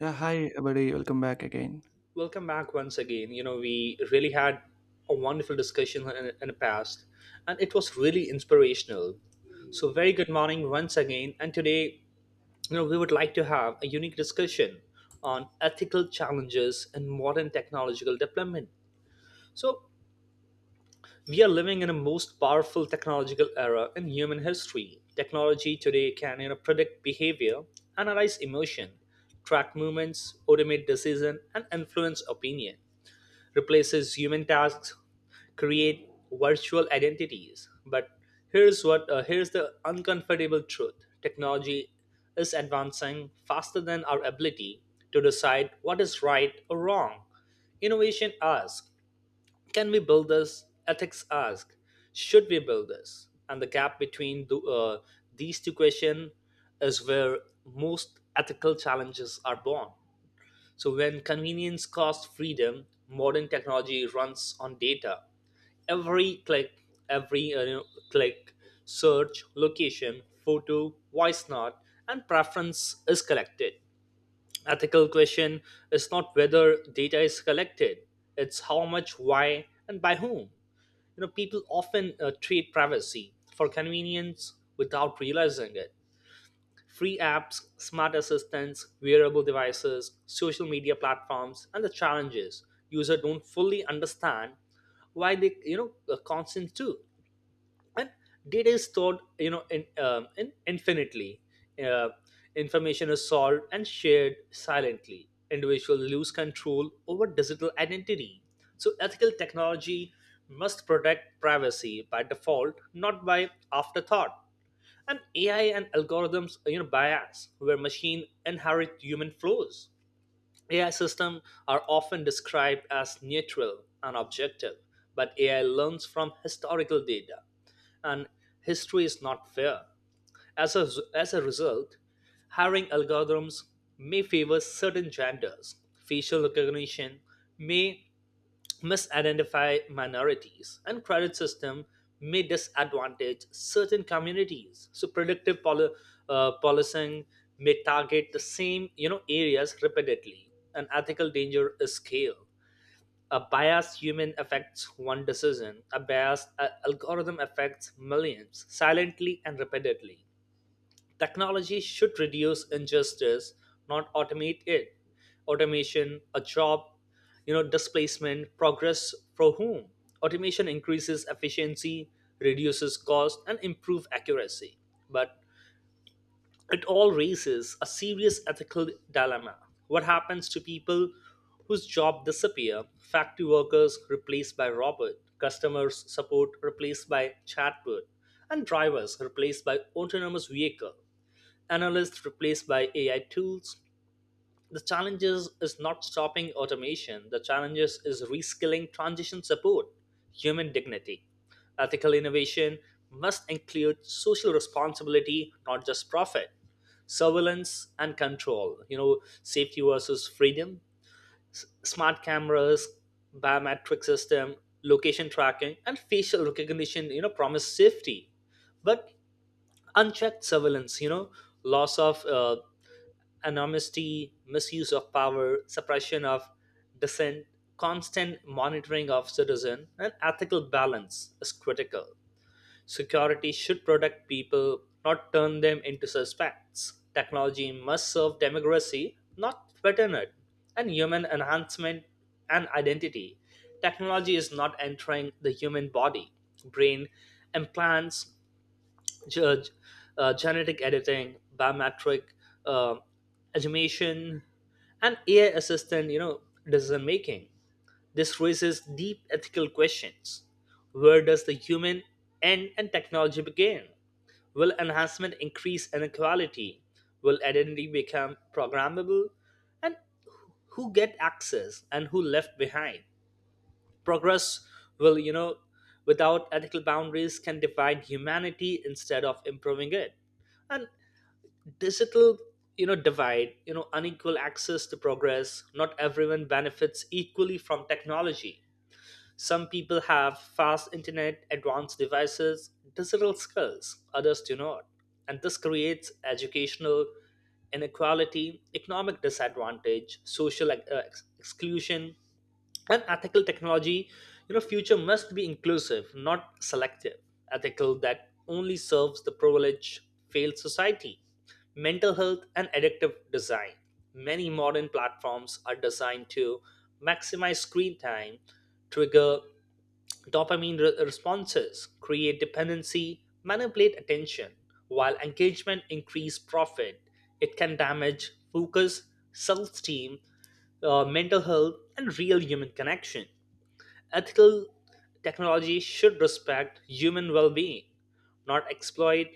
Yeah, hi everybody, welcome back again. Welcome back once again. You know, we really had a wonderful discussion in the past, and it was really inspirational. So, very good morning once again. And today, you know, we would like to have a unique discussion on ethical challenges in modern technological development. So, we are living in a most powerful technological era in human history. Technology today can, you know, predict behavior, analyze emotion, track movements, automate decision, and influence opinion replaces human tasks, create virtual identities. But here's the uncomfortable truth. Technology is advancing faster than our ability to decide what is right or wrong. Innovation asks, can we build this? Ethics asks, should we build this? And the gap between these two questions is where most ethical challenges are born. So, when convenience costs freedom, modern technology runs on data. Every click, click, search, location, photo, voice note, and preference is collected. Ethical question is not whether data is collected; it's how much, why, and by whom. You know, people often trade privacy for convenience without realizing it. Free apps, smart assistants, wearable devices, social media platforms, and the challenges users don't fully understand why they constant too. And data is stored in infinitely. Uh, Information is solved and shared silently. Individuals lose control over digital identity. So ethical technology must protect privacy by default, not by afterthought, and AI and algorithms, you know, bias where machine inherit human flaws. AI systems are often described as neutral and objective, but AI learns from historical data, and history is not fair. As a, as a result, hiring algorithms may favor certain genders. Facial recognition may misidentify minorities, and credit system may disadvantage certain communities. So policing may target the same, you know, areas repeatedly. An ethical danger is scale. A biased human affects one decision. A biased algorithm affects millions silently and repeatedly. Technology should reduce injustice, not automate it. Automation, a job, you know, displacement, progress for whom? Automation increases efficiency, reduces cost, and improve accuracy. But it all raises a serious ethical dilemma. What happens to people whose job disappear? Factory workers replaced by robot, customers support replaced by chatbot, and drivers replaced by autonomous vehicle, analysts replaced by AI tools. The challenges is not stopping automation. The challenges is reskilling transition support, human dignity. Ethical innovation must include social responsibility, not just profit. Surveillance and control, you know, safety versus freedom, smart cameras, biometric system, location tracking, and facial recognition, you know, promise safety. But unchecked surveillance, you know, loss of anonymity, misuse of power, suppression of dissent, constant monitoring of citizen, and ethical balance is critical. Security should protect people, not turn them into suspects. Technology must serve democracy, not threaten it, and human enhancement and identity. Technology is not entering the human body, brain, implants, ge- genetic editing, biometric uh, automation, and AI assistant, you know, decision making. This raises deep ethical questions. Where does the human end and technology begin? Will enhancement increase inequality? Will identity become programmable? And who get access and who left behind? Progress will, you know, without ethical boundaries can divide humanity instead of improving it. And digital, you know, divide, you know, unequal access to progress. Not everyone benefits equally from technology, some people have fast internet, advanced devices, digital skills, others do not, and this creates educational inequality, economic disadvantage, social exclusion, and ethical technology, you know, future must be inclusive, not selective. Ethical that only serves the privileged failed society. Mental health and addictive design: many modern platforms are designed to maximize screen time, trigger dopamine responses, create dependency, manipulate attention. While engagement increase profit, it can damage focus, self-esteem, mental health, and real human connection. Ethical technology should respect human well-being, not exploit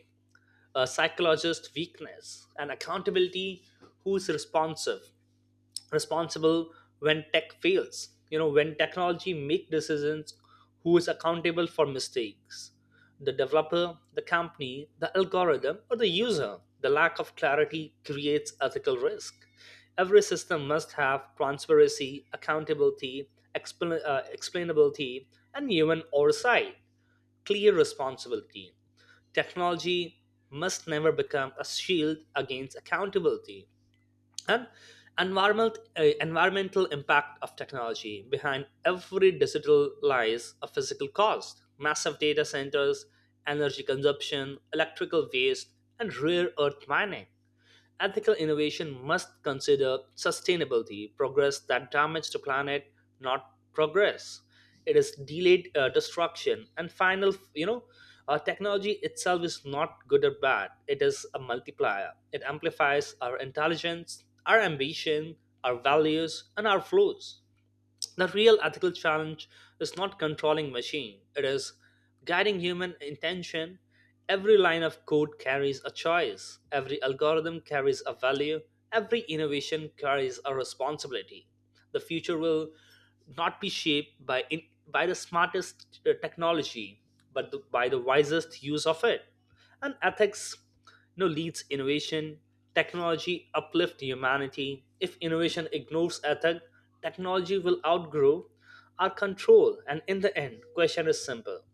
a psychologist's weakness. And accountability: who's responsive responsible when tech fails? You know, when technology make decisions, who is accountable for mistakes? The developer, the company, the algorithm, or the user? The lack of clarity creates ethical risk. Every system must have transparency, accountability, explainability, and human oversight, clear responsibility. Technology must never become a shield against accountability. And environmental impact of technology: behind every digital lies a physical cost. Massive data centers, energy consumption, electrical waste, and rare earth mining. Ethical innovation must consider sustainability. Progress that damages the planet, not progress. It is delayed destruction. And final, you know, technology itself is not good or bad. It is a multiplier. It amplifies our intelligence, our ambition, our values, and our flaws. The real ethical challenge is not controlling machine, it is guiding human intention. Every line of code carries a choice, every algorithm carries a value, every innovation carries a responsibility. The future will not be by the smartest technology, by the wisest use of it. And ethics, you know, leads innovation. Technology uplift humanity. If innovation ignores ethic, technology will outgrow our control. And in the end, question is simple: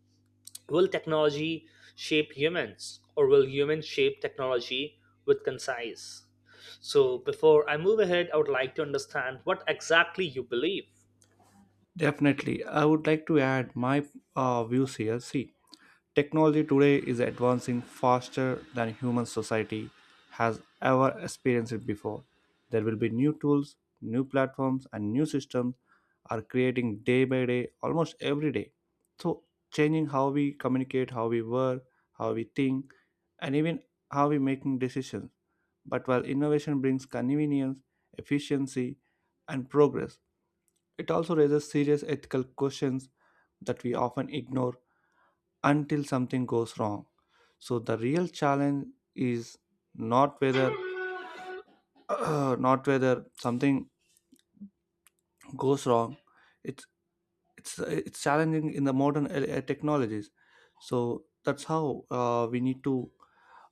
Will technology shape humans, or will humans shape technology with concise? So, before I move ahead, I would like to understand what exactly you believe. Definitely, I would like to add my views here. See, technology today is advancing faster than human society has ever experienced before. There will be new tools, new platforms, and new systems are creating day by day, almost every day. So, changing how we communicate, how we work, how we think, and even how we making decisions. But while innovation brings convenience, efficiency, and progress, it also raises serious ethical questions that we often ignore until something goes wrong. So the real challenge is not whether not whether something goes wrong. It's it's challenging in the modern technologies. So that's how we need to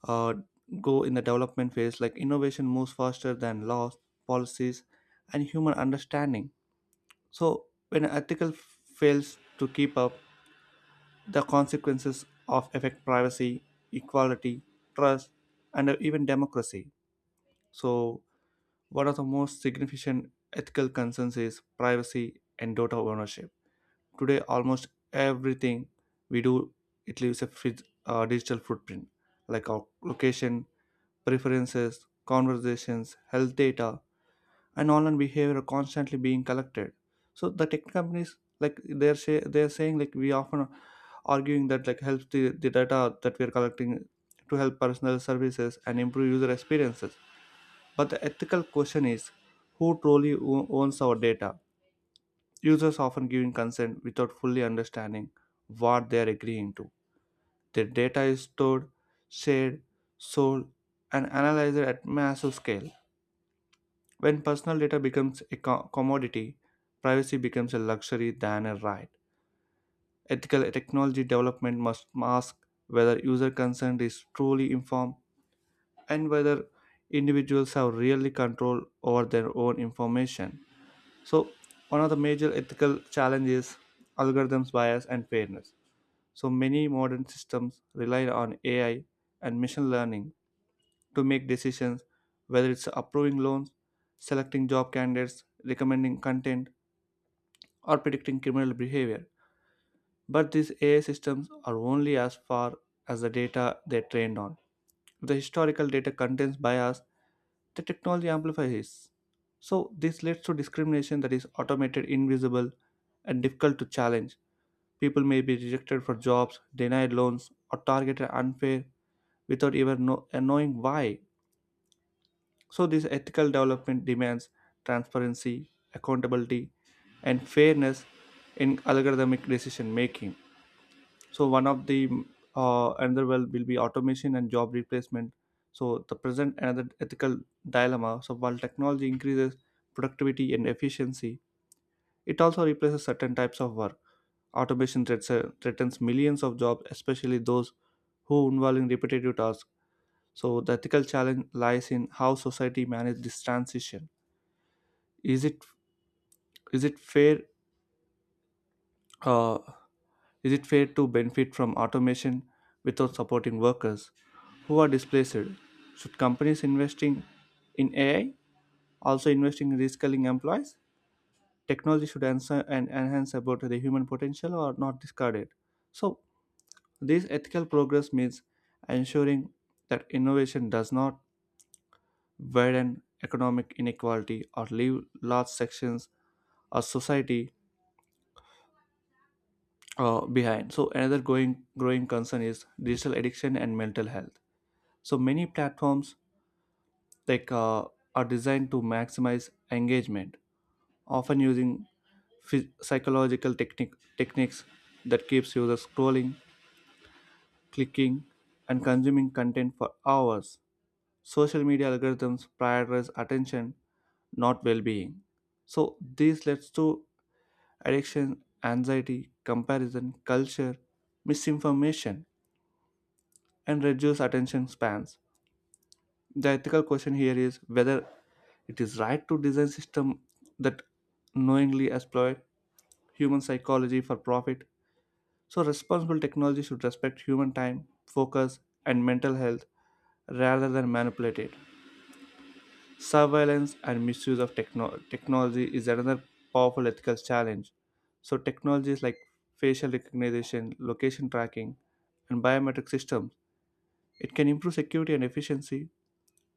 uh, go in the development phase. Like innovation moves faster than laws, policies, and human understanding. So when an ethical fails to keep up, the consequences of affect privacy, equality, trust, and even democracy. So, one of the most significant ethical concerns is privacy and data ownership. Today, almost everything we do, it leaves a digital footprint, like our location, preferences, conversations, health data, and online behavior are constantly being collected. So the tech companies, like, they're say they're saying like we often arguing that like helps the data that we're collecting to help personal services and improve user experiences. But the ethical question is, who truly owns our data? Users often giving consent without fully understanding what they are agreeing to. Their data is stored, shared, sold, and analyzed at massive scale. When personal data becomes a commodity, privacy becomes a luxury than a right. Ethical technology development must mask whether user consent is truly informed and whether individuals have really control over their own information. So, one of the major ethical challenges, algorithms bias and fairness. So, many modern systems rely on AI and machine learning to make decisions, whether it's approving loans, selecting job candidates, recommending content, or predicting criminal behavior. But these AI systems are only as far as the data they're trained on. If the historical data contains bias, the technology amplifies it. So this leads to discrimination that is automated, invisible, and difficult to challenge. People may be rejected for jobs, denied loans, or targeted unfair without even knowing why. So this ethical development demands transparency, accountability, and fairness in algorithmic decision making. So one of the, another well will be automation and job replacement. So the present another ethical dilemma. So while technology increases productivity and efficiency, it also replaces certain types of work. Automation threatens millions of jobs, especially those who involve in repetitive tasks. So the ethical challenge lies in how society manages this transition. Is it, is it fair uh, is it fair to benefit from automation without supporting workers who are displaced? Should companies investing in AI also investing in reskilling employees? Technology should answer and enhance about the human potential or not discard it. So this ethical progress means ensuring that innovation does not widen economic inequality or leave large sections of society behind. So another going growing concern is digital addiction and mental health. So many platforms like uh, are designed to maximize engagement, often using psychological techniques that keeps users scrolling, clicking, and consuming content for hours. Social media algorithms prioritize attention, not well-being. So this leads to addiction, anxiety, comparison, culture, misinformation, and reduced attention spans. The ethical question here is whether it is right to design system that knowingly exploit human psychology for profit. So responsible technology should respect human time, focus, and mental health rather than manipulate it. Surveillance and misuse of technology is another powerful ethical challenge. So technologies like facial recognition, location tracking, and biometric systems, it can improve security and efficiency,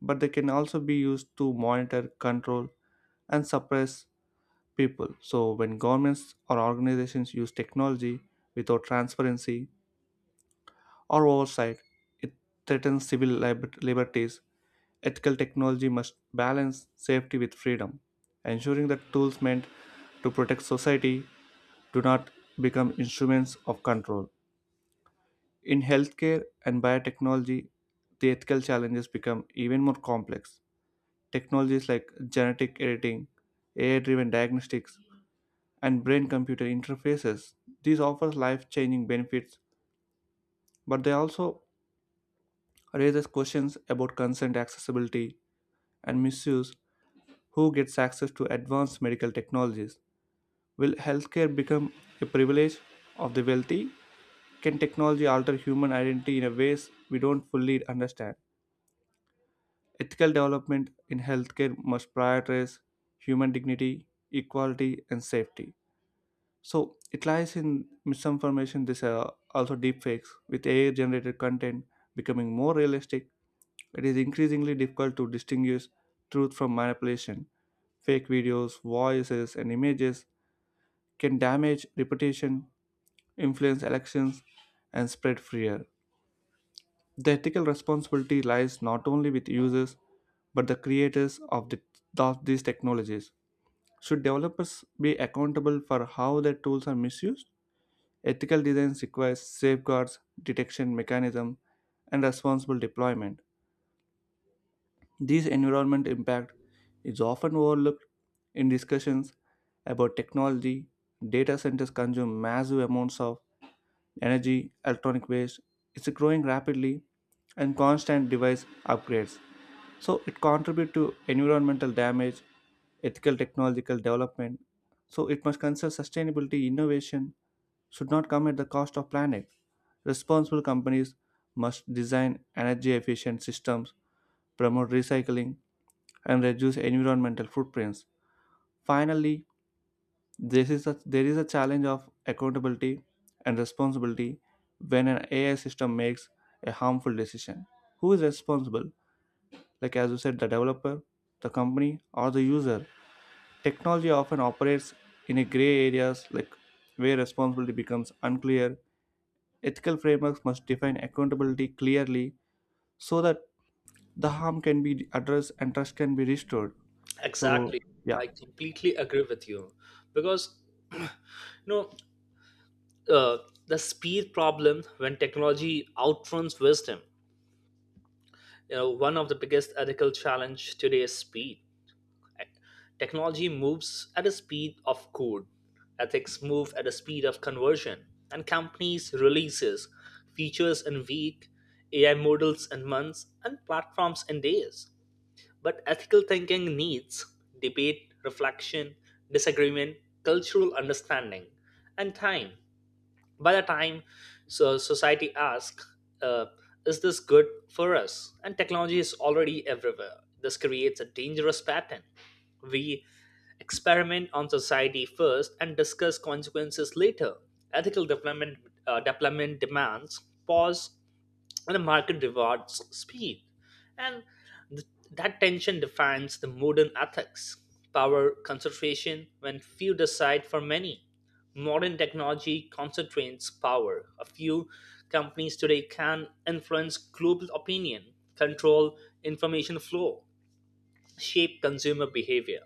but they can also be used to monitor, control, and suppress people. So, when governments or organizations use technology without transparency or oversight, it threatens civil liberties. Ethical technology must balance safety with freedom, ensuring that tools meant to protect society do not become instruments of control. In healthcare and biotechnology, the ethical challenges become even more complex. Technologies like genetic editing, AI driven diagnostics, and brain computer interfaces. These offer life changing benefits, but they also raises questions about consent, accessibility, and misuse. Who gets access to advanced medical technologies? Will healthcare become a privilege of the wealthy? Can technology alter human identity in a ways we don't fully understand? Ethical development in healthcare must prioritize human dignity, equality, and safety. So it lies in misinformation. This also deepfakes with AI generated content becoming more realistic. It is increasingly difficult to distinguish truth from manipulation. Fake videos, voices, and images can damage reputation, influence elections, and spread fear. The ethical responsibility lies not only with users but the creators of these technologies. Should developers be accountable for how their tools are misused? Ethical design requires safeguards, detection mechanism, and responsible deployment. This environment impact is often overlooked in discussions about technology. Data centers consume massive amounts of energy, electronic waste. It's growing rapidly and constant device upgrades. So it contributes to environmental damage, ethical technological development. So it must consider sustainability. Innovation should not come at the cost of planet. Responsible companies must design energy efficient systems, promote recycling, and reduce environmental footprints. Finally, there is a challenge of accountability and responsibility when an AI system makes a harmful decision. Who is responsible? Like as you said, the developer, the company, or the user. Technology often operates in a gray areas, like where responsibility becomes unclear. Ethical frameworks must define accountability clearly so that the harm can be addressed and trust can be restored. So Exactly, yeah. I completely agree with you because you know, uh, the speed problem when technology outruns wisdom. You know, one of the biggest ethical challenge today is speed. Technology moves at the speed of code. Ethics move at the speed of conversion, and companies releases features in week, AI models in months, and platforms in days. But ethical thinking needs debate, reflection, disagreement, cultural understanding, and time. By the time, so society asks uh, is this good for us, and technology is already everywhere. This creates a dangerous pattern: we experiment on society first and discuss consequences later. Ethical development demands pause, and the market rewards speed. And th- that tension defines the modern ethics. Power concentration, when few decide for many. Modern technology concentrates power. A few companies today can influence global opinion, control information flow, shape consumer behavior,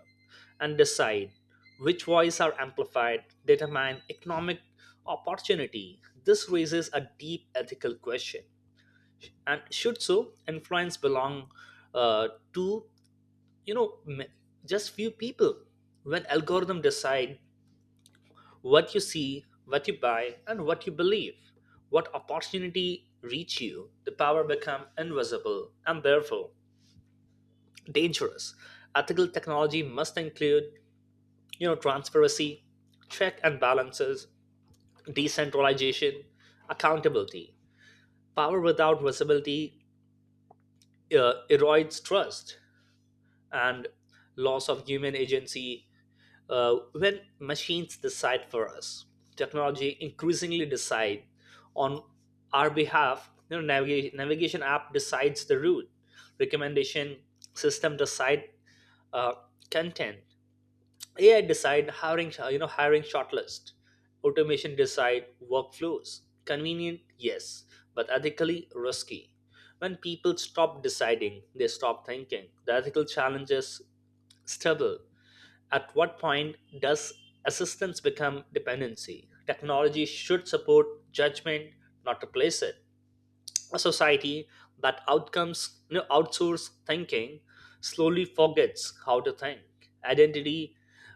and decide which voices are amplified, determine economic opportunity. This raises a deep ethical question. And should so influence belong to you know m- just few people? When algorithm decide what you see, what you buy, and what you believe, what opportunity reach you, the power become invisible and therefore dangerous. Ethical technology must include, you know, transparency, check and balances, decentralization, accountability. Power without visibility erodes trust. And loss of human agency, when machines decide for us, technology increasingly decide on our behalf. You know, navigation app decides the route, recommendation system decide, uh, content, AI decide hiring, you know, hiring shortlist, automation decide workflows. Convenient, yes, but ethically risky. When people stop deciding, they stop thinking. The ethical challenges stubble at what point does assistance become dependency? Technology should support judgment, not replace it. A society that outcomes, you know, outsource thinking slowly forgets how to think. Identity,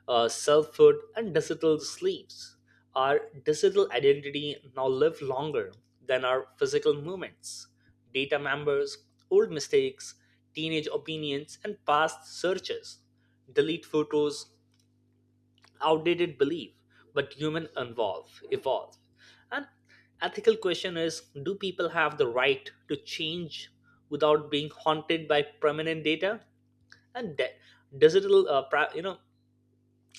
selfhood, and digital sleeps. Our digital identity now live longer than our physical movements. Data members, old mistakes, teenage opinions, and past searches, delete photos, outdated belief, but human evolve. And ethical question is, do people have the right to change without being haunted by permanent data? And de- digital pra- you know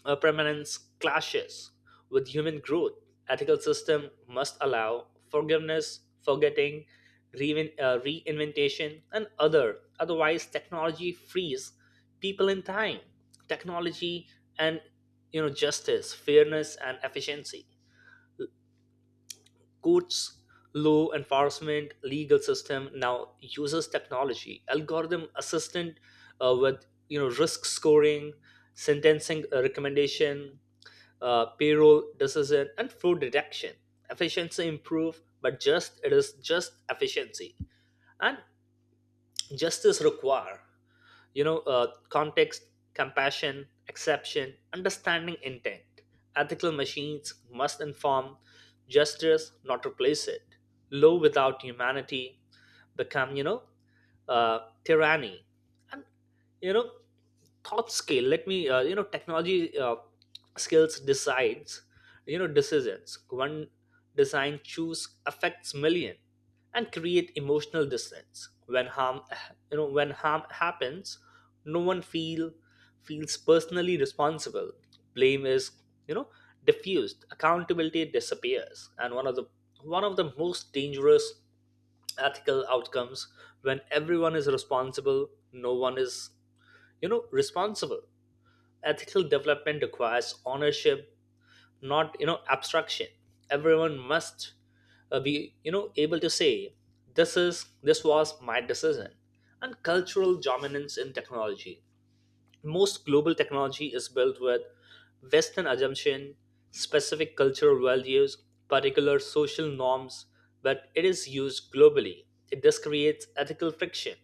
permanence clashes with human growth. Ethical system must allow forgiveness, forgetting, reinventation, and other. Otherwise, technology frees people in time. Technology and, you know, justice, fairness, and efficiency. Courts, law enforcement, legal system now uses technology, algorithm assistant, with, you know, risk scoring, sentencing recommendation, payroll decision, and fraud detection. Efficiency improve, but just it is just efficiency. And justice require, you know, context, compassion, exception, understanding intent. Ethical machines must inform justice, not replace it. Law without humanity become, you know, uh, tyranny. And, you know, thought scale, let me, you know, technology skills decides, you know, decisions. One design choose affects million and create emotional distance when harm, you know, when harm happens, no one feels personally responsible. Blame is, you know, diffused, accountability disappears, and one of the most dangerous ethical outcomes: when everyone is responsible, no one is, you know, responsible. Ethical development requires ownership, not, you know, abstraction. Everyone must, uh, be able to say this was my decision. And cultural dominance in technology: most global technology is built with western assumption, specific cultural values, particular social norms, but it is used globally. It this creates ethical friction,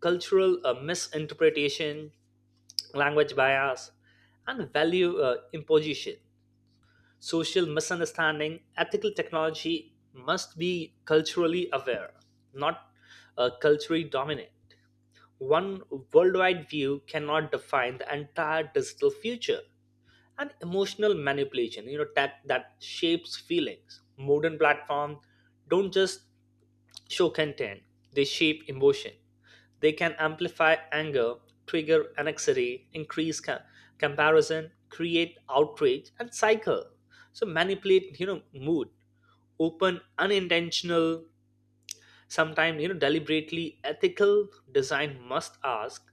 cultural misinterpretation, language bias, and value imposition. Social misunderstanding, ethical technology must be culturally aware, not culturally dominant. One worldwide view cannot define the entire digital future. And emotional manipulation, you know, that shapes feelings. Modern platforms don't just show content, they shape emotion. They can amplify anger, trigger anxiety, increase comparison, create outrage, and cycle. So manipulate, mood, open, unintentional, sometimes deliberately ethical design must ask: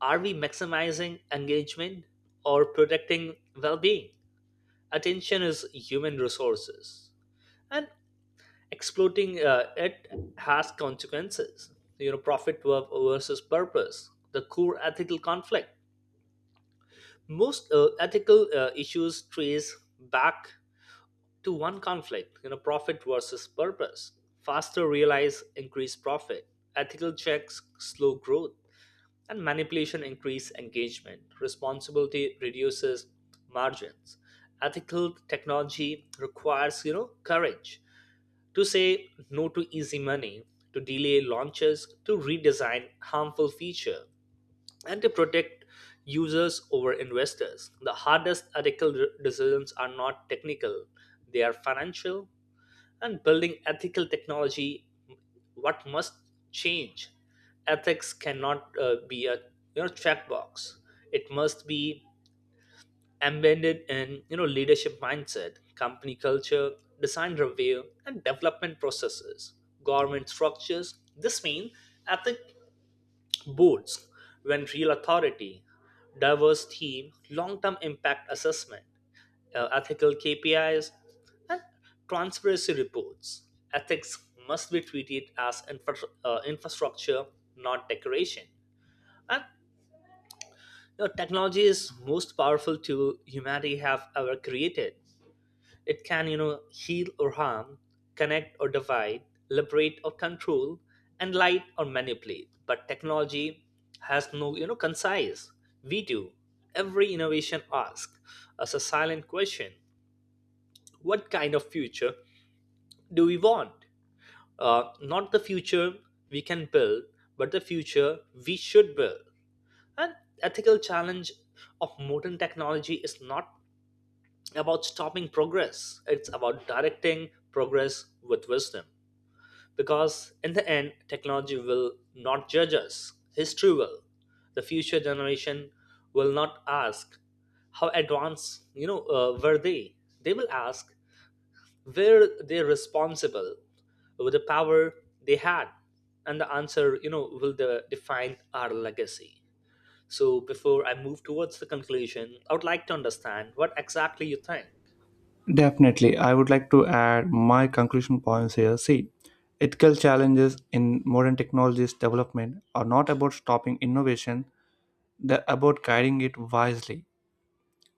are we maximizing engagement or protecting well-being? Attention is human resources, and exploiting it has consequences, you know, profit versus purpose, the core ethical conflict. Most ethical issues trace back to one conflict, you know, profit versus purpose. Faster realize increased profit, ethical checks slow growth, and manipulation increase engagement, responsibility reduces margins. Ethical technology requires, you know, courage to say no to easy money, to delay launches, to redesign harmful feature, and to protect users over investors. The hardest ethical decisions are not technical, they are financial, and building ethical technology, what must change. Ethics cannot be a, you know, checkbox. It must be embedded in, you know, leadership mindset, company culture, design review and development processes, government structures. This means ethic boards when real authority, diverse team, long-term impact assessment, ethical kpis, and transparency reports. Ethics must be treated as infrastructure, not decoration. And, you know, technology is most powerful tool humanity have ever created. It can, you know, heal or harm, connect or divide, liberate or control, enlighten or manipulate. But technology has no, you know, concise. We do. Every innovation asks us a silent question: what kind of future do we want? Not the future we can build, but the future we should build. An ethical challenge of modern technology is not about stopping progress. It's about directing progress with wisdom. Because in the end, technology will not judge us, history will. The future generation will not ask how advanced, were they will ask where they are responsible with the power they had, and the answer, you know, will define our legacy. So before I move towards the conclusion, I would like to understand what exactly you think. Definitely, I would like to add my conclusion points here. See, ethical challenges in modern technologies development are not about stopping innovation, they're about guiding it wisely.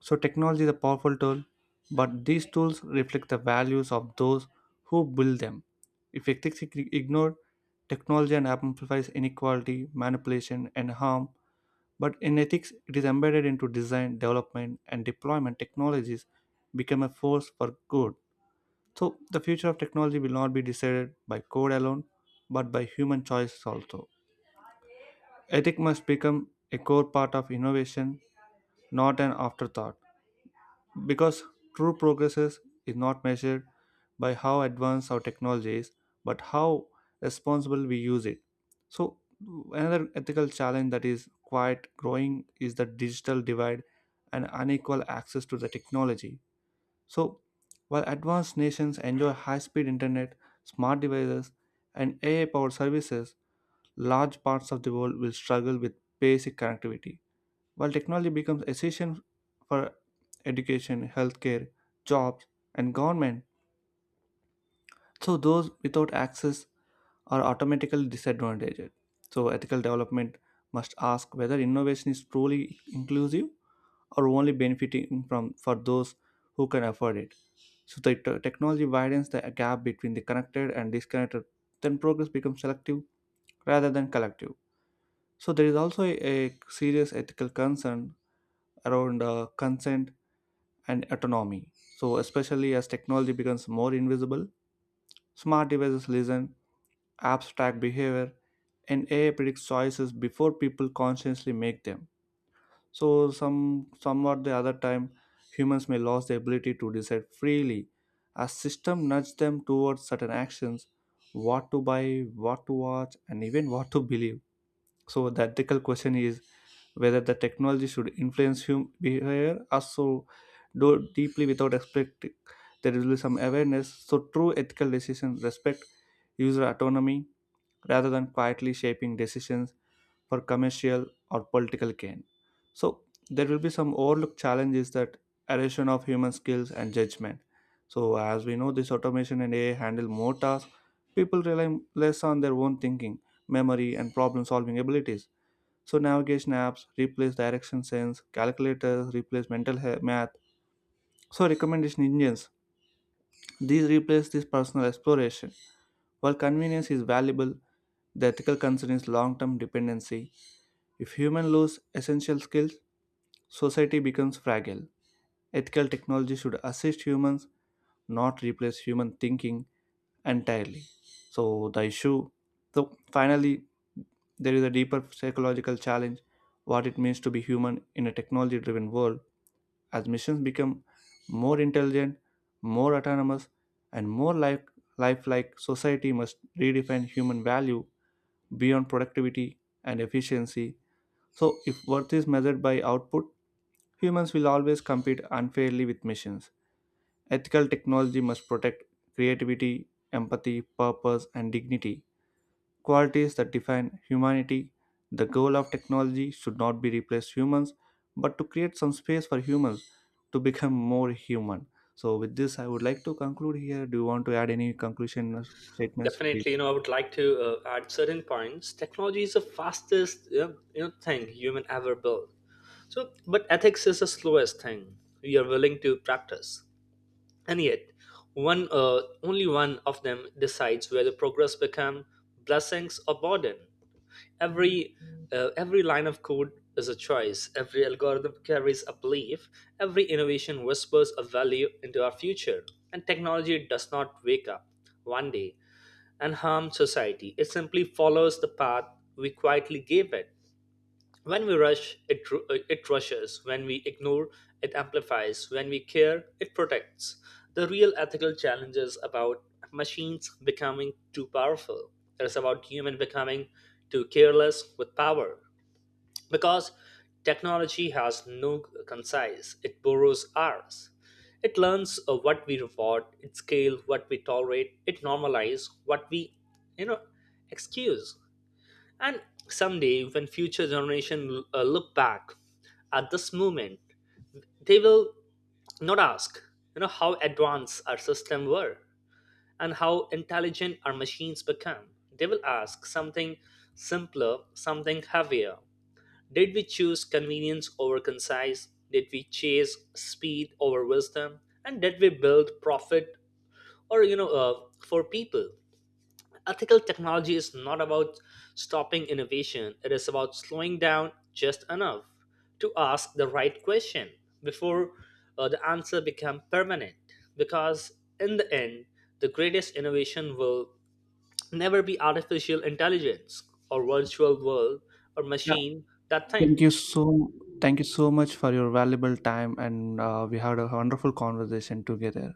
So, technology is a powerful tool, but these tools reflect the values of those who build them. If ethics is ignored, technology and amplifies inequality, manipulation, and harm. But in ethics, it is embedded into design, development, and deployment. Technologies become a force for good. So, the future of technology will not be decided by code alone, but by human choices also. Ethics must become a core part of innovation, not an afterthought, because true progress is not measured by how advanced our technology is, but how responsible we use it. So, another ethical challenge that is quite growing is the digital divide and unequal access to the technology. So, while advanced nations enjoy high speed internet, smart devices, and AI powered services, large parts of the world will struggle with basic connectivity. While technology becomes essential for education, healthcare, jobs, and government, so those without access are automatically disadvantaged. So, ethical development must ask whether innovation is truly inclusive or only benefiting from for those who can afford it. So the technology widens the gap between the connected and disconnected. Then progress becomes selective rather than collective. So there is also a serious ethical concern around consent and autonomy. So especially as technology becomes more invisible, smart devices listen, apps track behavior, and AI predicts choices before people consciously make them. So some somewhat the other time, humans may lose the ability to decide freely. A system nudges them towards certain actions, what to buy, what to watch, and even what to believe. So the ethical question is whether the technology should influence human behavior or so do deeply without expecting there will be some awareness. So true ethical decisions respect user autonomy rather than quietly shaping decisions for commercial or political gain. So there will be some overlooked challenges that erosion of human skills and judgment. So as we know, this automation and AI handle more tasks. People rely less on their own thinking, memory, and problem-solving abilities. So navigation apps replace direction sense, calculators replace mental math. So recommendation engines, these replace this personal exploration. While convenience is valuable, the ethical concern is long-term dependency. If humans lose essential skills, society becomes fragile. Ethical technology should assist humans, not replace human thinking entirely. So the issue, so finally, there is a deeper psychological challenge: what it means to be human in a technology-driven world. As missions become more intelligent, more autonomous, and more like lifelike, society must redefine human value beyond productivity and efficiency. So, if worth is measured by output, humans will always compete unfairly with machines. Ethical technology must protect creativity, empathy, purpose, and dignity, qualities that define humanity. The goal of technology should not be replace humans, but to create some space for humans to become more human. So, with this, I would like to conclude here. Do you want to add any conclusion or statements? Please. Definitely, you know, I would like to add certain points. Technology is the fastest, you know, thing human ever built. So, but ethics is the slowest thing we are willing to practice, and yet, only one of them decides whether progress become blessings or burden. Every, every line of code is a choice. Every algorithm carries a belief. Every innovation whispers a value into our future, and technology does not wake up one day and harm society. It simply follows the path we quietly gave it. When we rush, it rushes. When we ignore, it amplifies. When we care, it protects. The real ethical challenge is about machines becoming too powerful. It is about human becoming too careless with power. Because technology has no concise, it borrows ours. It learns what we reward, it scales what we tolerate, it normalizes what we, you know, excuse. And someday, when future generation look back at this moment, they will not ask, you know, how advanced our system were and how intelligent our machines become. They will ask something simpler, something heavier, did we choose convenience over concise? Did we chase speed over wisdom? And did we build profit or for people? Ethical technology is not about stopping innovation. It is about slowing down just enough to ask the right question before the answer become permanent. Because in the end, the greatest innovation will never be artificial intelligence or virtual world or Yeah, machine that thank you think. so, thank you so much for your valuable time and we had a wonderful conversation together.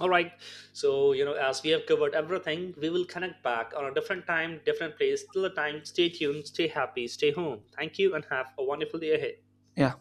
All right. So, you know, as we have covered everything, we will connect back on a different time, different place. Till the time, stay tuned, stay happy, stay home. Thank you, and have a wonderful day ahead. Yeah,